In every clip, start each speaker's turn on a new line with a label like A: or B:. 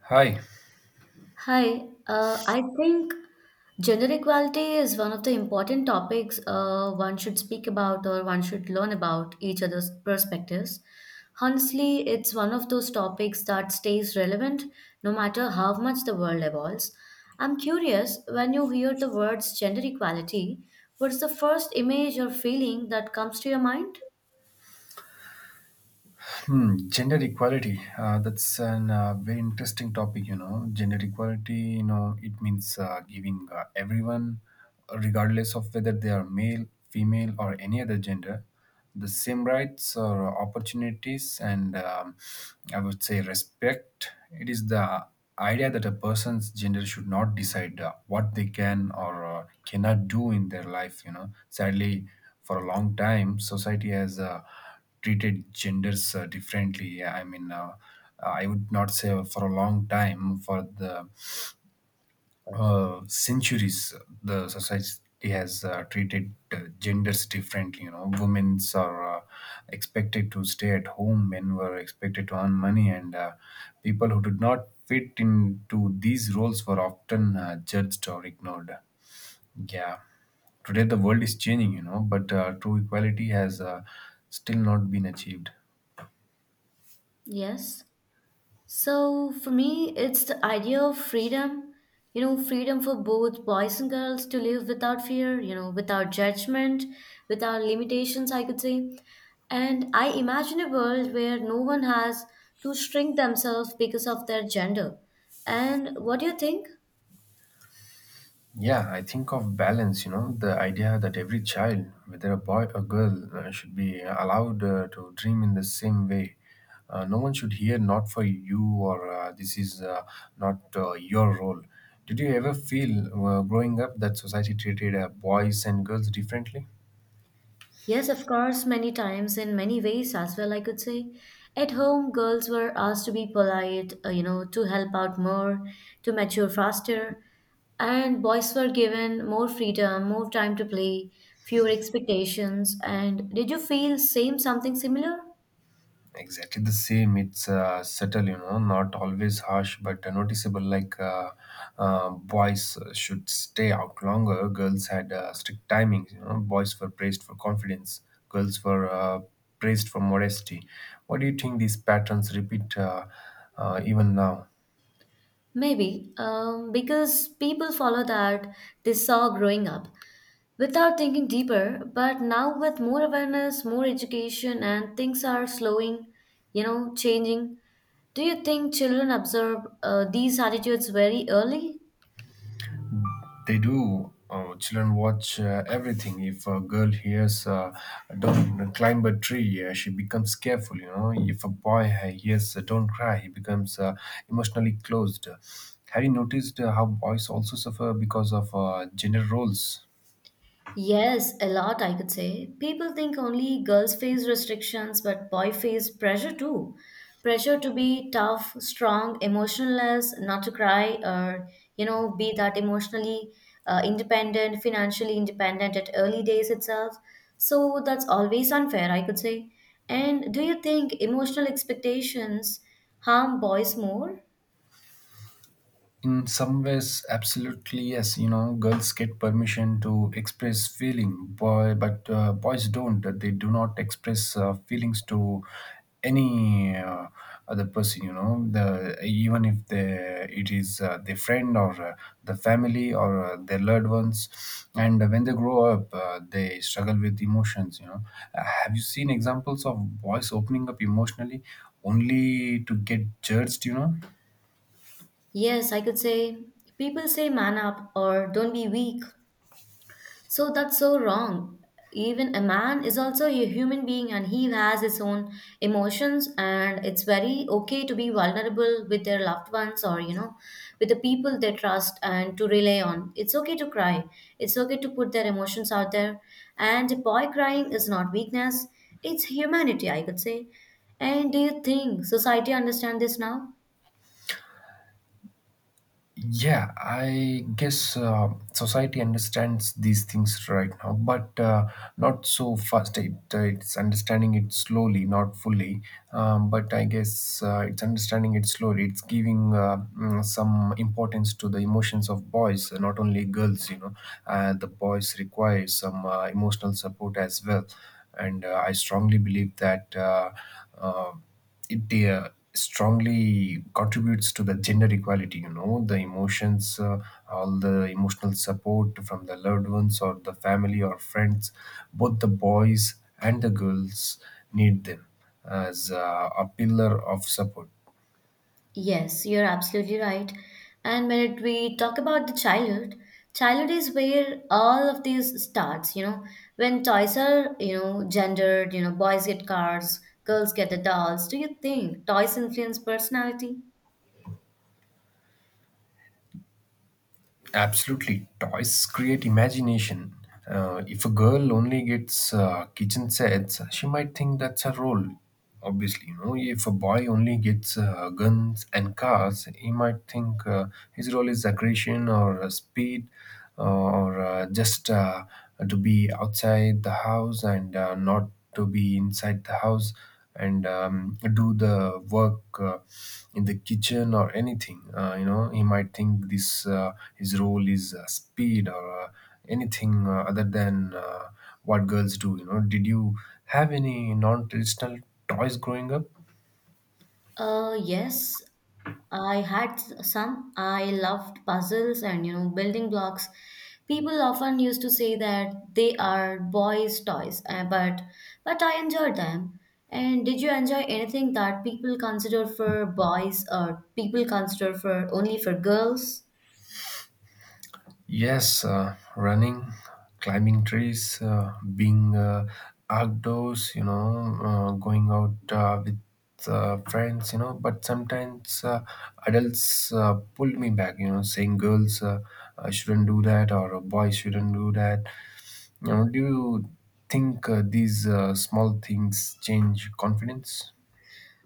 A: Hi,
B: I think gender equality is one of the important topics one should speak about or one should learn about each other's perspectives. Honestly, it's one of those topics that stays relevant no matter how much the world evolves. I'm curious, when you hear the words gender equality, what's the first image or feeling that comes to your mind?
A: gender equality. That's an very interesting topic. You know, gender equality. You know, it means giving everyone, regardless of whether they are male, female, or any other gender, the same rights or opportunities, and I would say respect. It is the idea that a person's gender should not decide what they can or cannot do in their life. You know, sadly, for a long time, society has treated genders differently. Yeah, I mean, I would not say for a long time, for the centuries, the society has treated genders differently. You know, women are expected to stay at home, men were expected to earn money, and people who did not fit into these roles were often judged or ignored. Yeah, today the world is changing, you know, but true equality has still not been achieved.
B: Yes. So for me, it's the idea of freedom, you know, freedom for both boys and girls to live without fear, you know, without judgment, without limitations, I could say. And I imagine a world where no one has to shrink themselves because of their gender. And what do you think?
A: Yeah, I think of balance, you know, the idea that every child, whether a boy or girl, should be allowed to dream in the same way. No one should hear not for you or this is not your role. Did you ever feel growing up that society treated boys and girls differently?
B: Yes, of course, many times in many ways as well, I could say. At home, girls were asked to be polite, you know, to help out more, to mature faster, and boys were given more freedom, more time to play, fewer expectations. And did you feel same something similar?
A: Exactly the same. It's subtle, you know, not always harsh but noticeable, like boys should stay out longer, girls had strict timings. You know, boys were praised for confidence, girls were praised for modesty. What do you think, these patterns repeat even now?
B: Maybe, because people follow that they saw growing up, without thinking deeper. But now with more awareness, more education, and things are slowing, you know, changing. Do you think children observe these attitudes very early?
A: They do. Children watch everything. If a girl hears, don't climb a tree, she becomes careful, you know. If a boy hears, don't cry, he becomes emotionally closed. Have you noticed how boys also suffer because of gender roles?
B: Yes, a lot, I could say. People think only girls face restrictions, but boy face pressure too. Pressure to be tough, strong, emotionless, not to cry, or you know, be that emotionally independent, financially independent at early days itself. So that's always unfair, I could say. And do you think emotional expectations harm boys more?
A: In some ways, absolutely yes. You know, girls get permission to express feeling, boy, but boys don't, that they do not express feelings to any other person, you know, the even if they, it is their friend or the family or their loved ones, and when they grow up, they struggle with emotions, you know. Have you seen examples of boys opening up emotionally only to get judged, you know?
B: Yes, I could say, people say man up or don't be weak. So that's so wrong. Even a man is also a human being and he has his own emotions, and it's very okay to be vulnerable with their loved ones, or you know, with the people they trust and to rely on. It's okay to cry. It's okay to put their emotions out there. And a boy crying is not weakness, it's humanity, I could say. And do you think society understand this now?
A: Yeah, I guess society understands these things right now, but not so fast. It's understanding it slowly, not fully. But I guess it's understanding it slowly. It's giving some importance to the emotions of boys, not only girls. You know, the boys require some emotional support as well, and I strongly believe that. Uh, it strongly contributes to the gender equality, you know, the emotions, all the emotional support from the loved ones or the family or friends, both the boys and the girls need them as a pillar of support.
B: Yes, you're absolutely right. And when it, we talk about the childhood, childhood is where all of these starts, you know, when toys are, you know, gendered, you know, boys get cars, girls get the dolls. Do you think toys influence personality?
A: Absolutely, toys create imagination. If a girl only gets kitchen sets, she might think that's her role. Obviously, you know, if a boy only gets guns and cars, he might think his role is aggression or speed, or just to be outside the house and not to be inside the house and do the work in the kitchen or anything. You know, he might think this his role is speed or anything other than what girls do. You know, did you have any non-traditional toys growing up?
B: Yes, I had some. I loved puzzles and you know building blocks. People often used to say that they are boys' toys, but I enjoyed them. And did you enjoy anything that people consider for boys or people consider for only for girls?
A: Yes, running, climbing trees, being outdoors, you know, going out with friends, you know. But sometimes adults pull me back, you know, saying girls shouldn't do that or boys shouldn't do that. You know, do you think these small things change confidence?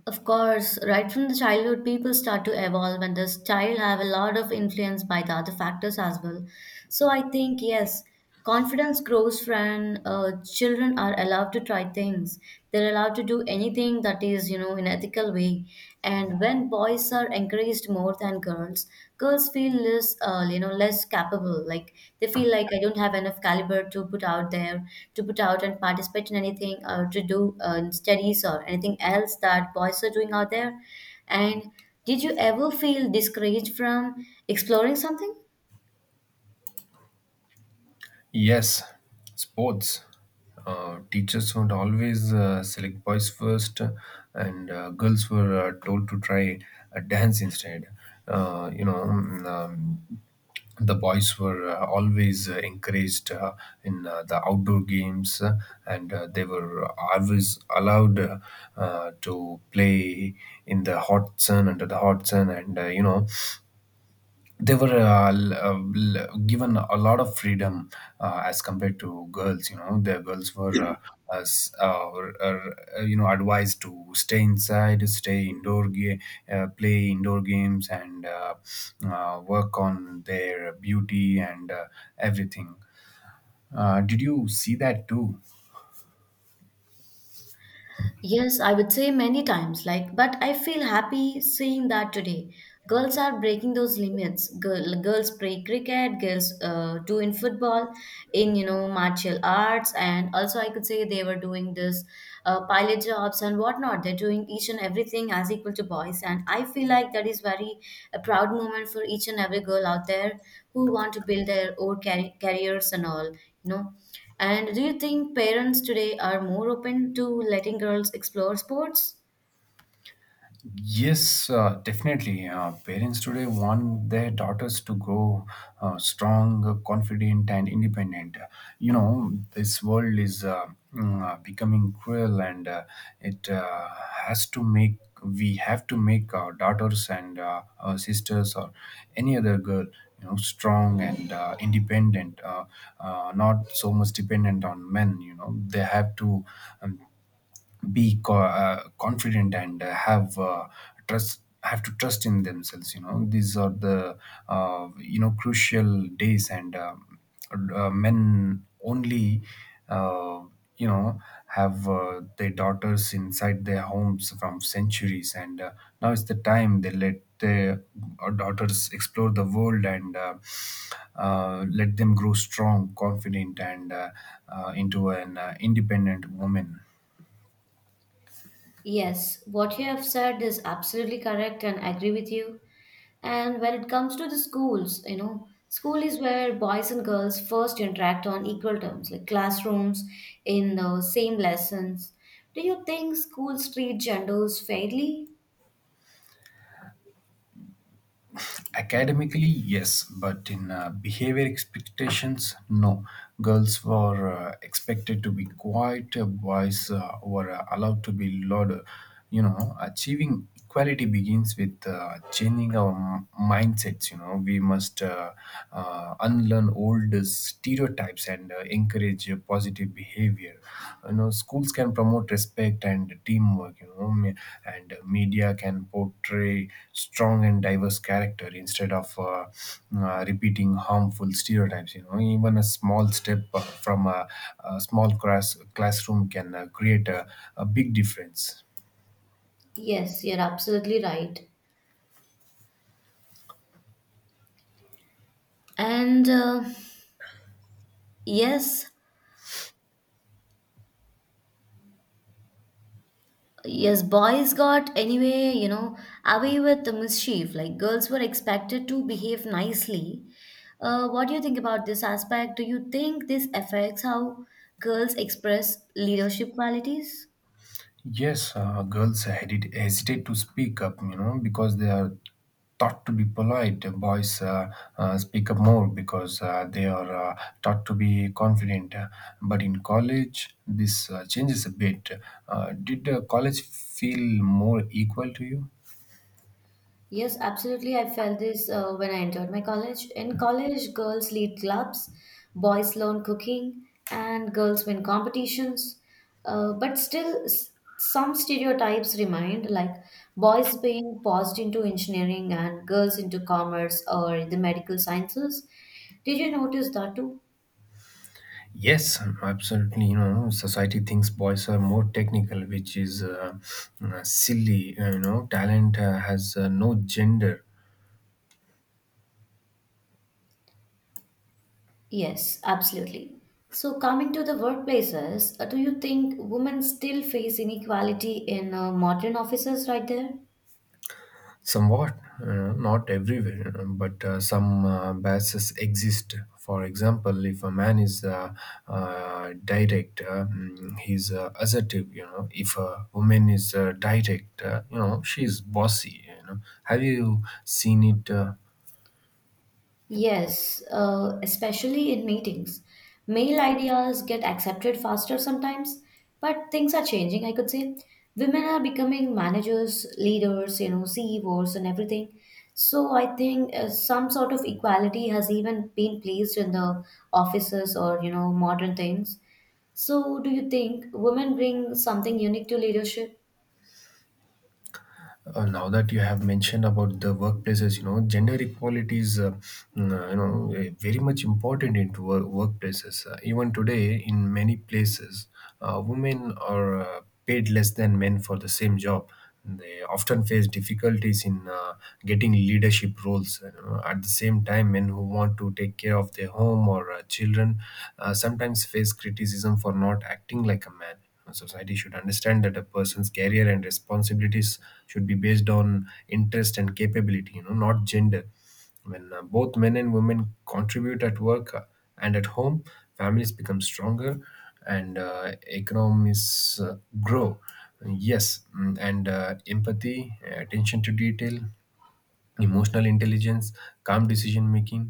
B: Of course, right from the childhood, people start to evolve, and the style have a lot of influence by the other factors as well. So I think yes, confidence grows when children are allowed to try things. They're allowed to do anything that is, you know, in ethical way. And when boys are encouraged praised more than girls. Girls feel less, you know, less capable. Like they feel like I don't have enough caliber to put out there, to put out and participate in anything or to do studies or anything else that boys are doing out there. And did you ever feel discouraged from exploring something?
A: Yes, sports. Teachers would always select boys first, and girls were told to try a dance instead. Uh, you know, mm, um, the boys were always encouraged in the outdoor games, and they were always allowed to play in the hot sun, under the hot sun, and you know, they were given a lot of freedom as compared to girls, you know, their girls were you know, advised to stay inside, stay indoor play indoor games, and work on their beauty and everything. Did you see that too?
B: Yes, I would say many times, like, but I feel happy seeing that today. Girls are breaking those limits. Girls play cricket, girls do in football, in, you know, martial arts, and also I could say they were doing this pilot jobs and whatnot. They're doing each and everything as equal to boys, and I feel like that is very a proud moment for each and every girl out there who want to build their own careers and all, you know. And do you think parents today are more open to letting girls explore sports?
A: Yes, definitely. Parents today want their daughters to grow strong, confident, and independent. You know, this world is becoming cruel, and it has to make, we have to make our daughters and our sisters or any other girl, you know, strong and independent, not so much dependent on men. You know, they have to um, be confident and have trust, have to trust in themselves. You know, these are the you know, crucial days, and men only uh, you know, have their daughters inside their homes from centuries, and now it's the time they let their daughters explore the world and let them grow strong, confident, and into an independent woman.
B: Yes, what you have said is absolutely correct and I agree with you. And when it comes to the schools, you know, school is where boys and girls first interact on equal terms, like classrooms in the same lessons. Do you think schools treat genders fairly?
A: Academically, yes, but in behavior expectations, no. Girls were expected to be quiet, boys were allowed to be louder. You know, achieving equality begins with changing our mindsets. You know, we must unlearn old stereotypes and encourage positive behavior. You know, schools can promote respect and teamwork. You know, and media can portray strong and diverse character instead of repeating harmful stereotypes. You know, even a small step from a small classroom can create a big difference.
B: Yes, you're absolutely right. And uh, yes, Yes, boys got anyway, you know, away with the mischief. Like girls were expected to behave nicely. What do you think about this aspect? Do you think this affects how girls express leadership qualities?
A: Yes, girls hesitate to speak up, you know, because they are taught to be polite. Boys speak up more because they are taught to be confident. But in college, this changes a bit. Did college feel more equal to you?
B: Yes, absolutely. I felt this when I entered my college. In college, girls lead clubs, boys learn cooking, and girls win competitions. But still, some stereotypes remain, like boys being forced into engineering and girls into commerce or the medical sciences. Did you notice that too?
A: Yes, absolutely. You know, society thinks boys are more technical, which is silly. You know, talent has no gender.
B: Yes, absolutely. So, coming to the workplaces, do you think women still face inequality in modern offices right there?
A: Somewhat, not everywhere, you know, but some biases exist. For example, if a man is direct, he's assertive. You know, if a woman is direct, you know, she's bossy. You know, have you seen it?
B: Yes, especially in meetings. Male ideas get accepted faster sometimes, but things are changing, I could say. Women are becoming managers, leaders, you know, CEOs, and everything. So I think some sort of equality has even been placed in the offices or, you know, modern things. So do you think women bring something unique to leadership?
A: Now that you have mentioned about the workplaces, you know, gender equality is very much important into workplaces. Even today in many places, women are paid less than men for the same job. They often face difficulties in getting leadership roles, you know. At the same time, men who want to take care of their home or children sometimes face criticism for not acting like a man. A society should understand that a person's career and responsibilities should be based on interest and capability, you know, not gender. When both men and women contribute at work and at home, families become stronger, and economies grow. Yes, and empathy, attention to detail, emotional intelligence, calm decision making.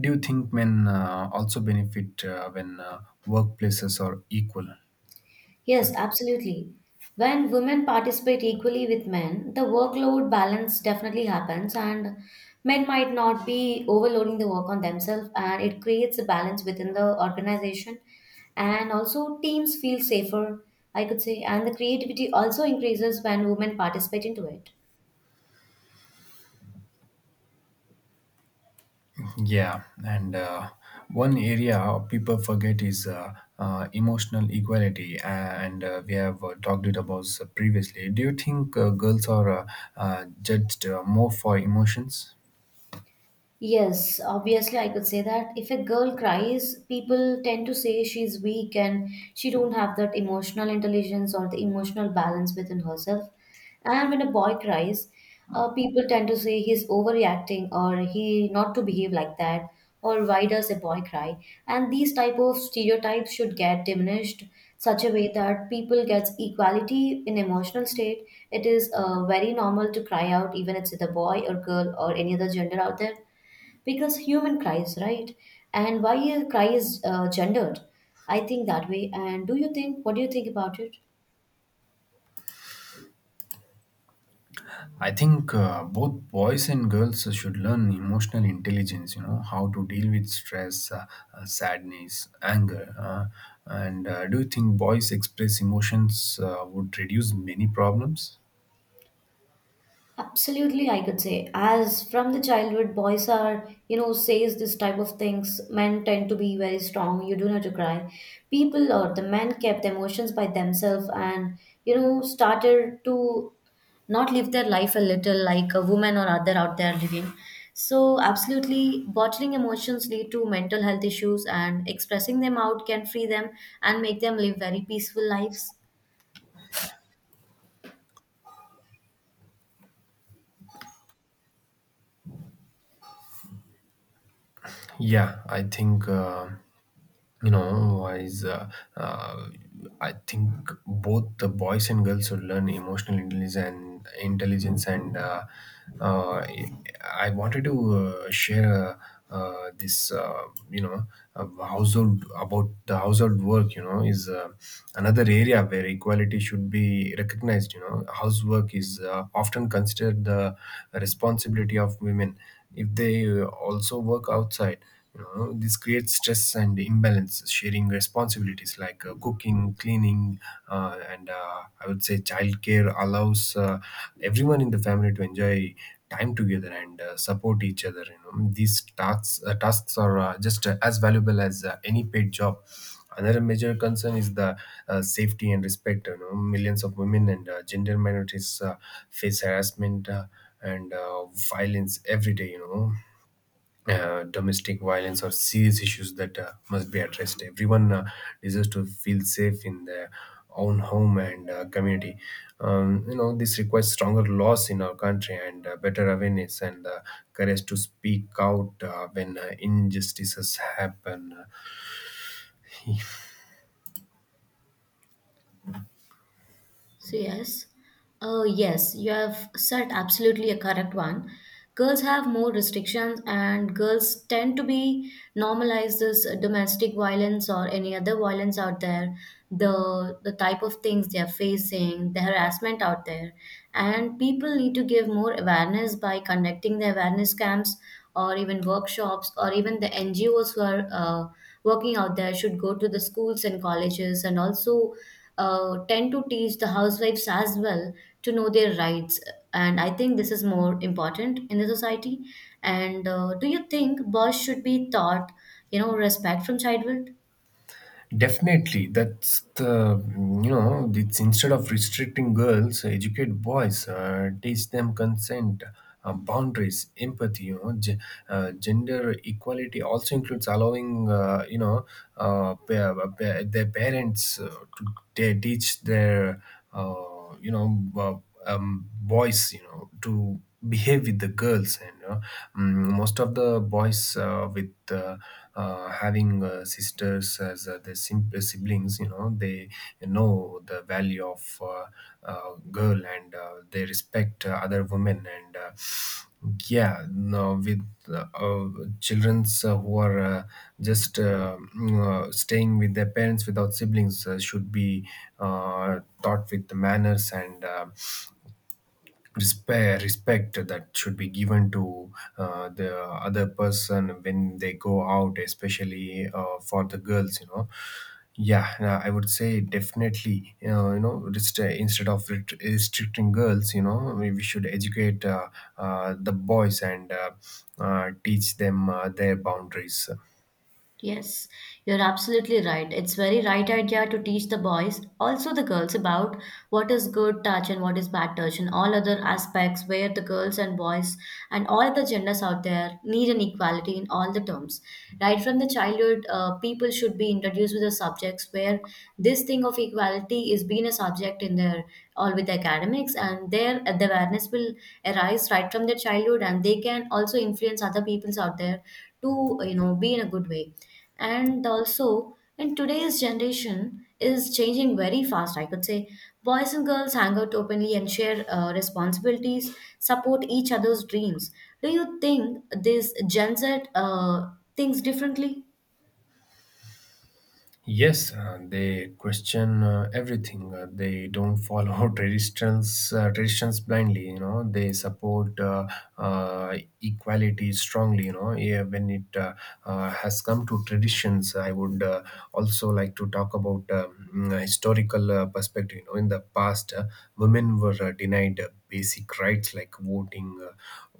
A: Do you think men also benefit when workplaces are equal?
B: Yes, absolutely. When women participate equally with men, the workload balance definitely happens, and men might not be overloading the work on themselves, and it creates a balance within the organization. And also, teams feel safer, I could say, and the creativity also increases when women participate into it.
A: Yeah, and one area people forget is emotional equality, and we have talked it about previously. Do you think girls are judged more for emotions?
B: Yes, obviously I could say that if a girl cries, people tend to say she's weak and she don't have that emotional intelligence or the emotional balance within herself. And when a boy cries, people tend to say he's overreacting or he not to behave like that or why does a boy cry? And these type of stereotypes should get diminished such a way that people gets equality in emotional state. It is very normal to cry out even if it's a boy or girl or any other gender out there because human cries, right? And why a cry is gendered? I think that way. And do you think? What do you think about it?
A: I think both boys and girls should learn emotional intelligence, you know, how to deal with stress, sadness, anger. And do you think boys express emotions would reduce many problems?
B: Absolutely, I could say. As from the childhood, boys are, you know, says this type of things. Men tend to be very strong. You do not to cry. People or the men kept emotions by themselves and, you know, started to not live their life a little like a woman or other out there living. So, absolutely, bottling emotions lead to mental health issues, and expressing them out can free them and make them live very peaceful lives.
A: Yeah, I think you know, wise. Uh, I think both the boys and girls should learn emotional intelligence and intelligence. And uh, I wanted to share this, you know, household about the household work. You know, is another area where equality should be recognized. You know, housework is often considered the responsibility of women if they also work outside. You know, this creates stress and imbalance. Sharing responsibilities like cooking, cleaning, and I would say childcare allows everyone in the family to enjoy time together and support each other. You know, these tasks are just as valuable as any paid job. Another major concern is the safety and respect. You know, millions of women and gender minorities face harassment, and violence every day. You know, domestic violence or serious issues that must be addressed. Everyone deserves to feel safe in their own home and community. You know, this requires stronger laws in our country and better awareness and courage to speak out when injustices happen.
B: So yes, oh yes, you have said absolutely a correct one. Girls have more restrictions, and girls tend to be normalize this domestic violence or any other violence out there. The type of things they are facing, the harassment out there, and people need to give more awareness by conducting the awareness camps or even workshops or even the NGOs who are working out there should go to the schools and colleges and also tend to teach the housewives as well to know their rights. And I think this is more important in the society. And do you think boys should be taught, you know, respect from childhood?
A: Definitely, that's the you know, it's, instead of restricting girls, educate boys, teach them consent, boundaries, empathy. You know, gender equality also includes allowing, you know, their parents to they teach their. You know, uh, boys, you know, to behave with the girls. And, you know, most of the boys, with having sisters as their siblings, you know, they know the value of girl, and they respect other women. And yeah, no, with children's who are just staying with their parents without siblings should be taught with the manners and respect. Respect that should be given to the other person when they go out, especially for the girls, you know. Yeah, I would say definitely, you know, instead of restricting girls, you know, we should educate, the boys and teach them their boundaries.
B: Yes, you're absolutely right. It's very right idea to teach the boys, also the girls, about what is good touch and what is bad touch and all other aspects where the girls and boys and all other genders out there need an equality in all the terms. Right from the childhood, people should be introduced with the subjects where this thing of equality is being a subject in their all with academics and their the awareness will arise right from their childhood and they can also influence other peoples out there to you know be in a good way. And also in today's generation is changing very fast, I could say, boys and girls hang out openly and share responsibilities, support each other's dreams. Do you think this Gen Z thinks differently?
A: Yes, they question everything. They don't follow traditions blindly. You know, they support, equality strongly. You know, yeah, when it has come to traditions, I would also like to talk about historical perspective. You know, in the past, women were denied basic rights like voting,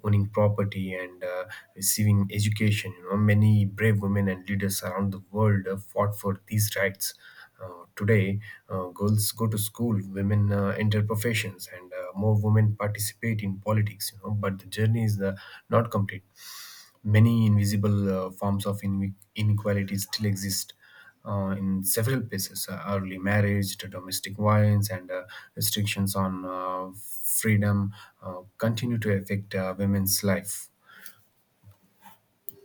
A: owning property, and receiving education. You know, many brave women and leaders around the world fought for these rights. Today, girls go to school, women enter professions, and more women participate in politics. You know, but the journey is not complete. Many invisible forms of inequality still exist in several places, early marriage, to domestic violence, and restrictions on freedom continue to affect women's life.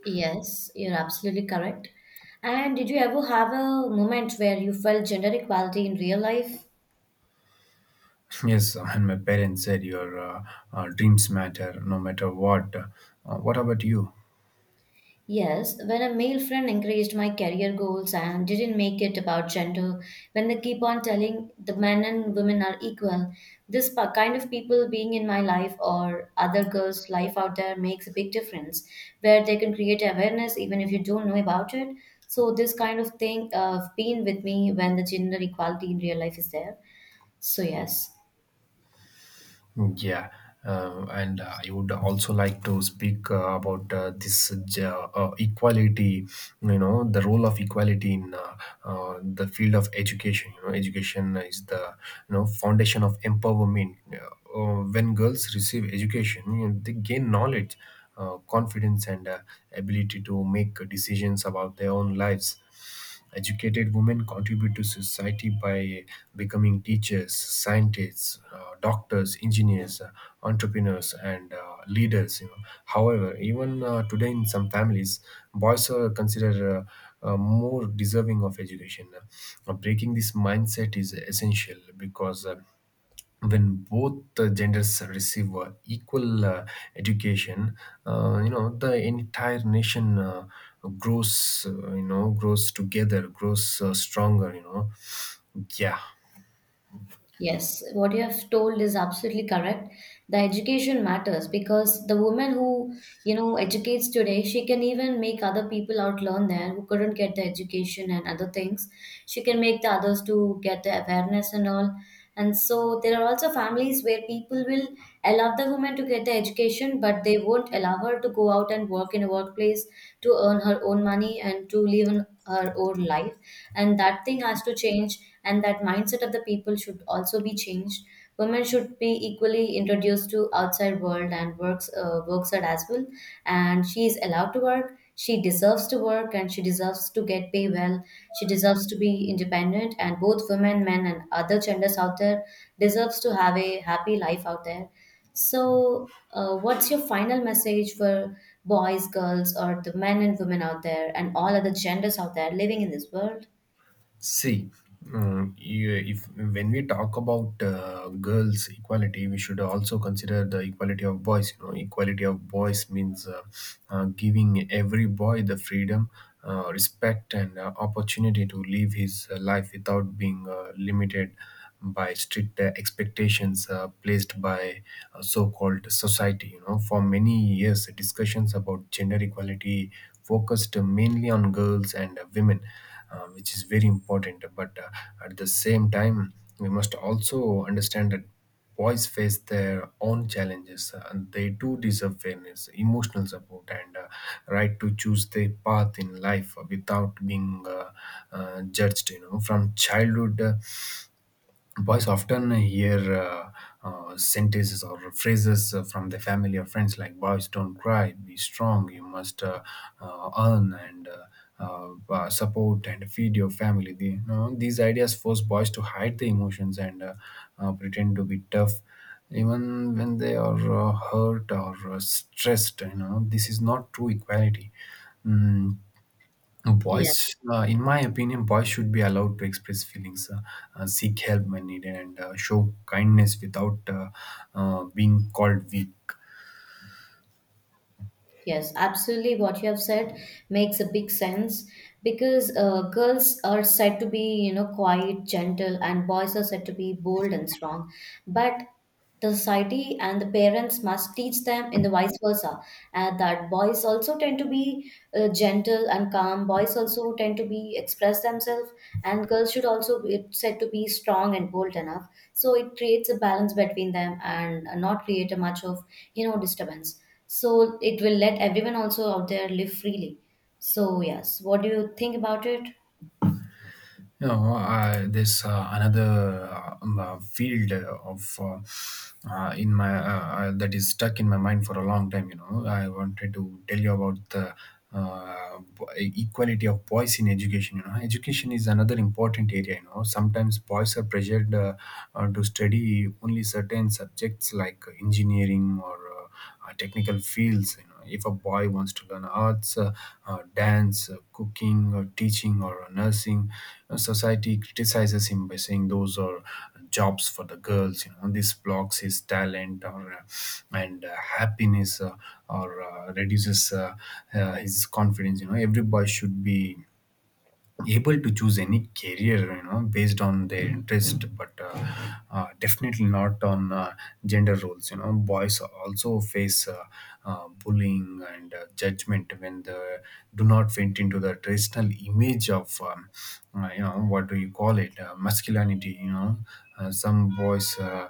B: Yes, you're absolutely correct. And did you ever have a moment where you felt gender equality in real life?
A: Yes, and my parents said your, dreams matter no matter what. What about you?
B: Yes, when a male friend encouraged my career goals and didn't make it about gender, when they keep on telling the men and women are equal, this kind of people being in my life or other girls' life out there makes a big difference where they can create awareness even if you don't know about it. So, this kind of thing been with me when the gender equality in real life is there. So, yes.
A: Yeah, and I would also like to speak about this, equality. You know, the role of equality in, the field of education. You know, education is the, you know, foundation of empowerment. When girls receive education, you know, they gain knowledge, confidence, and ability to make decisions about their own lives. Educated women contribute to society by becoming teachers, scientists, doctors, engineers, entrepreneurs, and leaders, you know. However, even today in some families, boys are considered, more deserving of education. Breaking this mindset is essential because when both the genders receive equal education, you know, the entire nation grows, you know, grows together, grows stronger, you know. Yeah.
B: Yes, what you have told is absolutely correct. The education matters because the woman who, you know, educates today, she can even make other people out learn there who couldn't get the education and other things. She can make the others to get the awareness and all. And so there are also families where people will allow the woman to get the education, but they won't allow her to go out and work in a workplace to earn her own money and to live in her own life. And that thing has to change, and that mindset of the people should also be changed. Women should be equally introduced to outside world and works work side as well, and she is allowed to work, she deserves to work, and she deserves to get paid well. She deserves to be independent, and both women, men, and other genders out there deserves to have a happy life out there. So what's your final message for boys, girls, or the men and women out there and all other genders out there living in this world?
A: See, you, if when we talk about girls' equality, we should also consider the equality of boys. You know, equality of boys means, giving every boy the freedom, respect, and opportunity to live his life without being limited by strict expectations placed by so-called society. You know, for many years, discussions about gender equality focused mainly on girls and women, which is very important. But at the same time, we must also understand that boys face their own challenges and they do deserve fairness, emotional support, and right to choose their path in life without being, judged. You know, from childhood, boys often hear, sentences or phrases from their family or friends like, boys don't cry, be strong, you must earn and support and feed your family. You know, these ideas force boys to hide their emotions and, pretend to be tough even when they are hurt or stressed, you know. This is not true equality. Mm,
B: Yeah.
A: Boys, in my opinion, boys should be allowed to express feelings, seek help when needed, and show kindness without, being called weak.
B: Yes, absolutely. What you have said makes a big sense, because girls are said to be, you know, quiet, gentle, and boys are said to be bold and strong. But the society and the parents must teach them in the vice versa, and that boys also tend to be gentle and calm. Boys also tend to be express themselves, and girls should also be said to be strong and bold enough. So it creates a balance between them and not create a much of, you know, disturbance, so it will let everyone also out there live freely. So yes, what do you think about it?
A: You know, I, there's another, field of, in my, that is stuck in my mind for a long time. You know, I wanted to tell you about the equality of boys in education. You know, education is another important area. You know, sometimes boys are pressured, to study only certain subjects like engineering or technical fields. You know, if a boy wants to learn arts, dance, cooking, or teaching, or nursing, society criticizes him by saying those are jobs for the girls. You know, this blocks his talent or, and happiness, or reduces, his confidence. You know, every boy should be able to choose any career, you know, based on their interest, but definitely not on gender roles. You know, boys also face, bullying and judgment when they do not fit into the traditional image of, you know, what do you call it, masculinity, you know. Some boys, uh,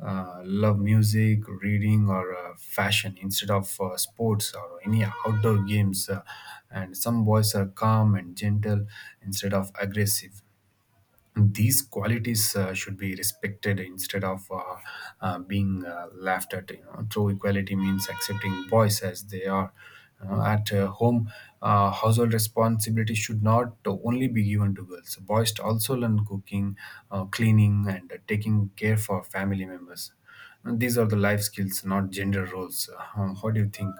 A: uh, love music, reading, or fashion instead of sports or any outdoor games. And some boys are calm and gentle instead of aggressive. These qualities should be respected instead of, being laughed at. You know, true equality means accepting boys as they are. You know, at home, household responsibility should not only be given to girls. Boys to also learn cooking, cleaning, and taking care for family members. And these are the life skills, not gender roles. What do you think?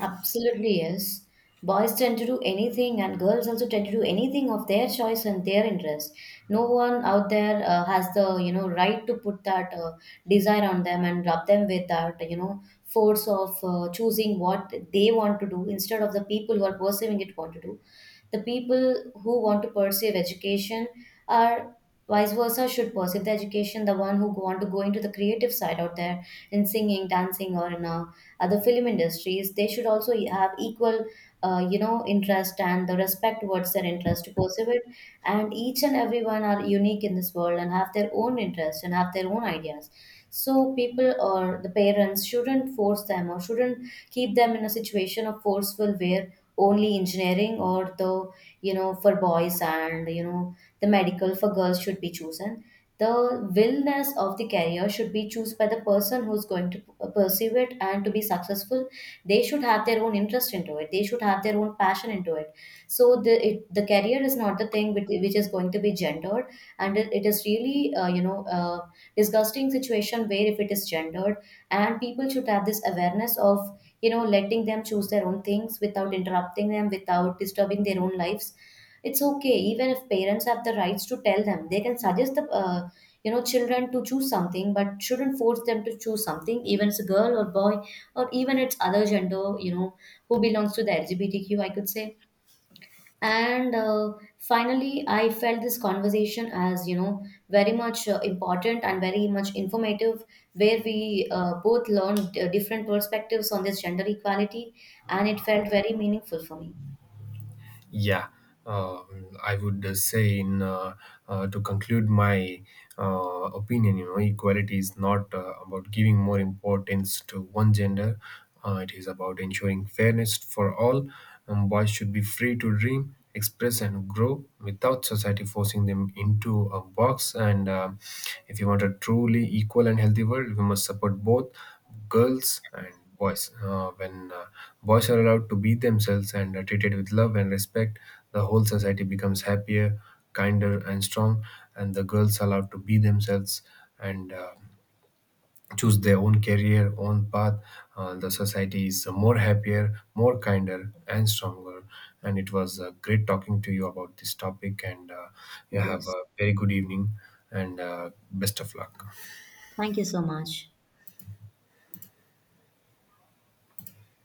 B: Absolutely, yes. Boys tend to do anything, and girls also tend to do anything of their choice and their interest. No one out there has the, you know, right to put that desire on them and rub them with that, you know, force of choosing what they want to do instead of the people who are pursuing it want to do. The people who want to pursue education are vice versa should pursue the education. The one who want to go into the creative side out there in singing, dancing, or in a other film industries, they should also have equal, you know, interest and the respect towards their interest to pursue it. And each and everyone are unique in this world and have their own interests and have their own ideas. So people or the parents shouldn't force them or shouldn't keep them in a situation of forceful where only engineering or the, you know, for boys and, you know, the medical for girls should be chosen. The willness of the career should be chosen by the person who's going to pursue it, and to be successful they should have their own interest into it, they should have their own passion into it. So the career is not the thing which is going to be gendered, and it is really you know, disgusting situation where if it is gendered. And people should have this awareness of, you know, letting them choose their own things without interrupting them, without disturbing their own lives. It's okay, even if parents have the rights to tell them, they can suggest the, you know, children to choose something, but shouldn't force them to choose something, even it's a girl or boy, or even it's other gender, you know, who belongs to the LGBTQ I could say. And finally, I felt this conversation as, you know, very much important and very much informative, where we both learned different perspectives on this gender equality, and it felt very meaningful for me.
A: Yeah, I would say in, to conclude my, opinion, you know, equality is not about giving more importance to one gender. It is about ensuring fairness for all. Boys should be free to dream, express, and grow without society forcing them into a box. And if you want a truly equal and healthy world, we must support both girls and boys. When boys are allowed to be themselves and are treated with love and respect, the whole society becomes happier, kinder, and strong. And the girls are allowed to be themselves and choose their own career, own path. The society is more happier, more kinder, and stronger. And it was great talking to you about this topic. And you have
B: Yes.
A: a very good evening and best of luck.
B: Thank you so much.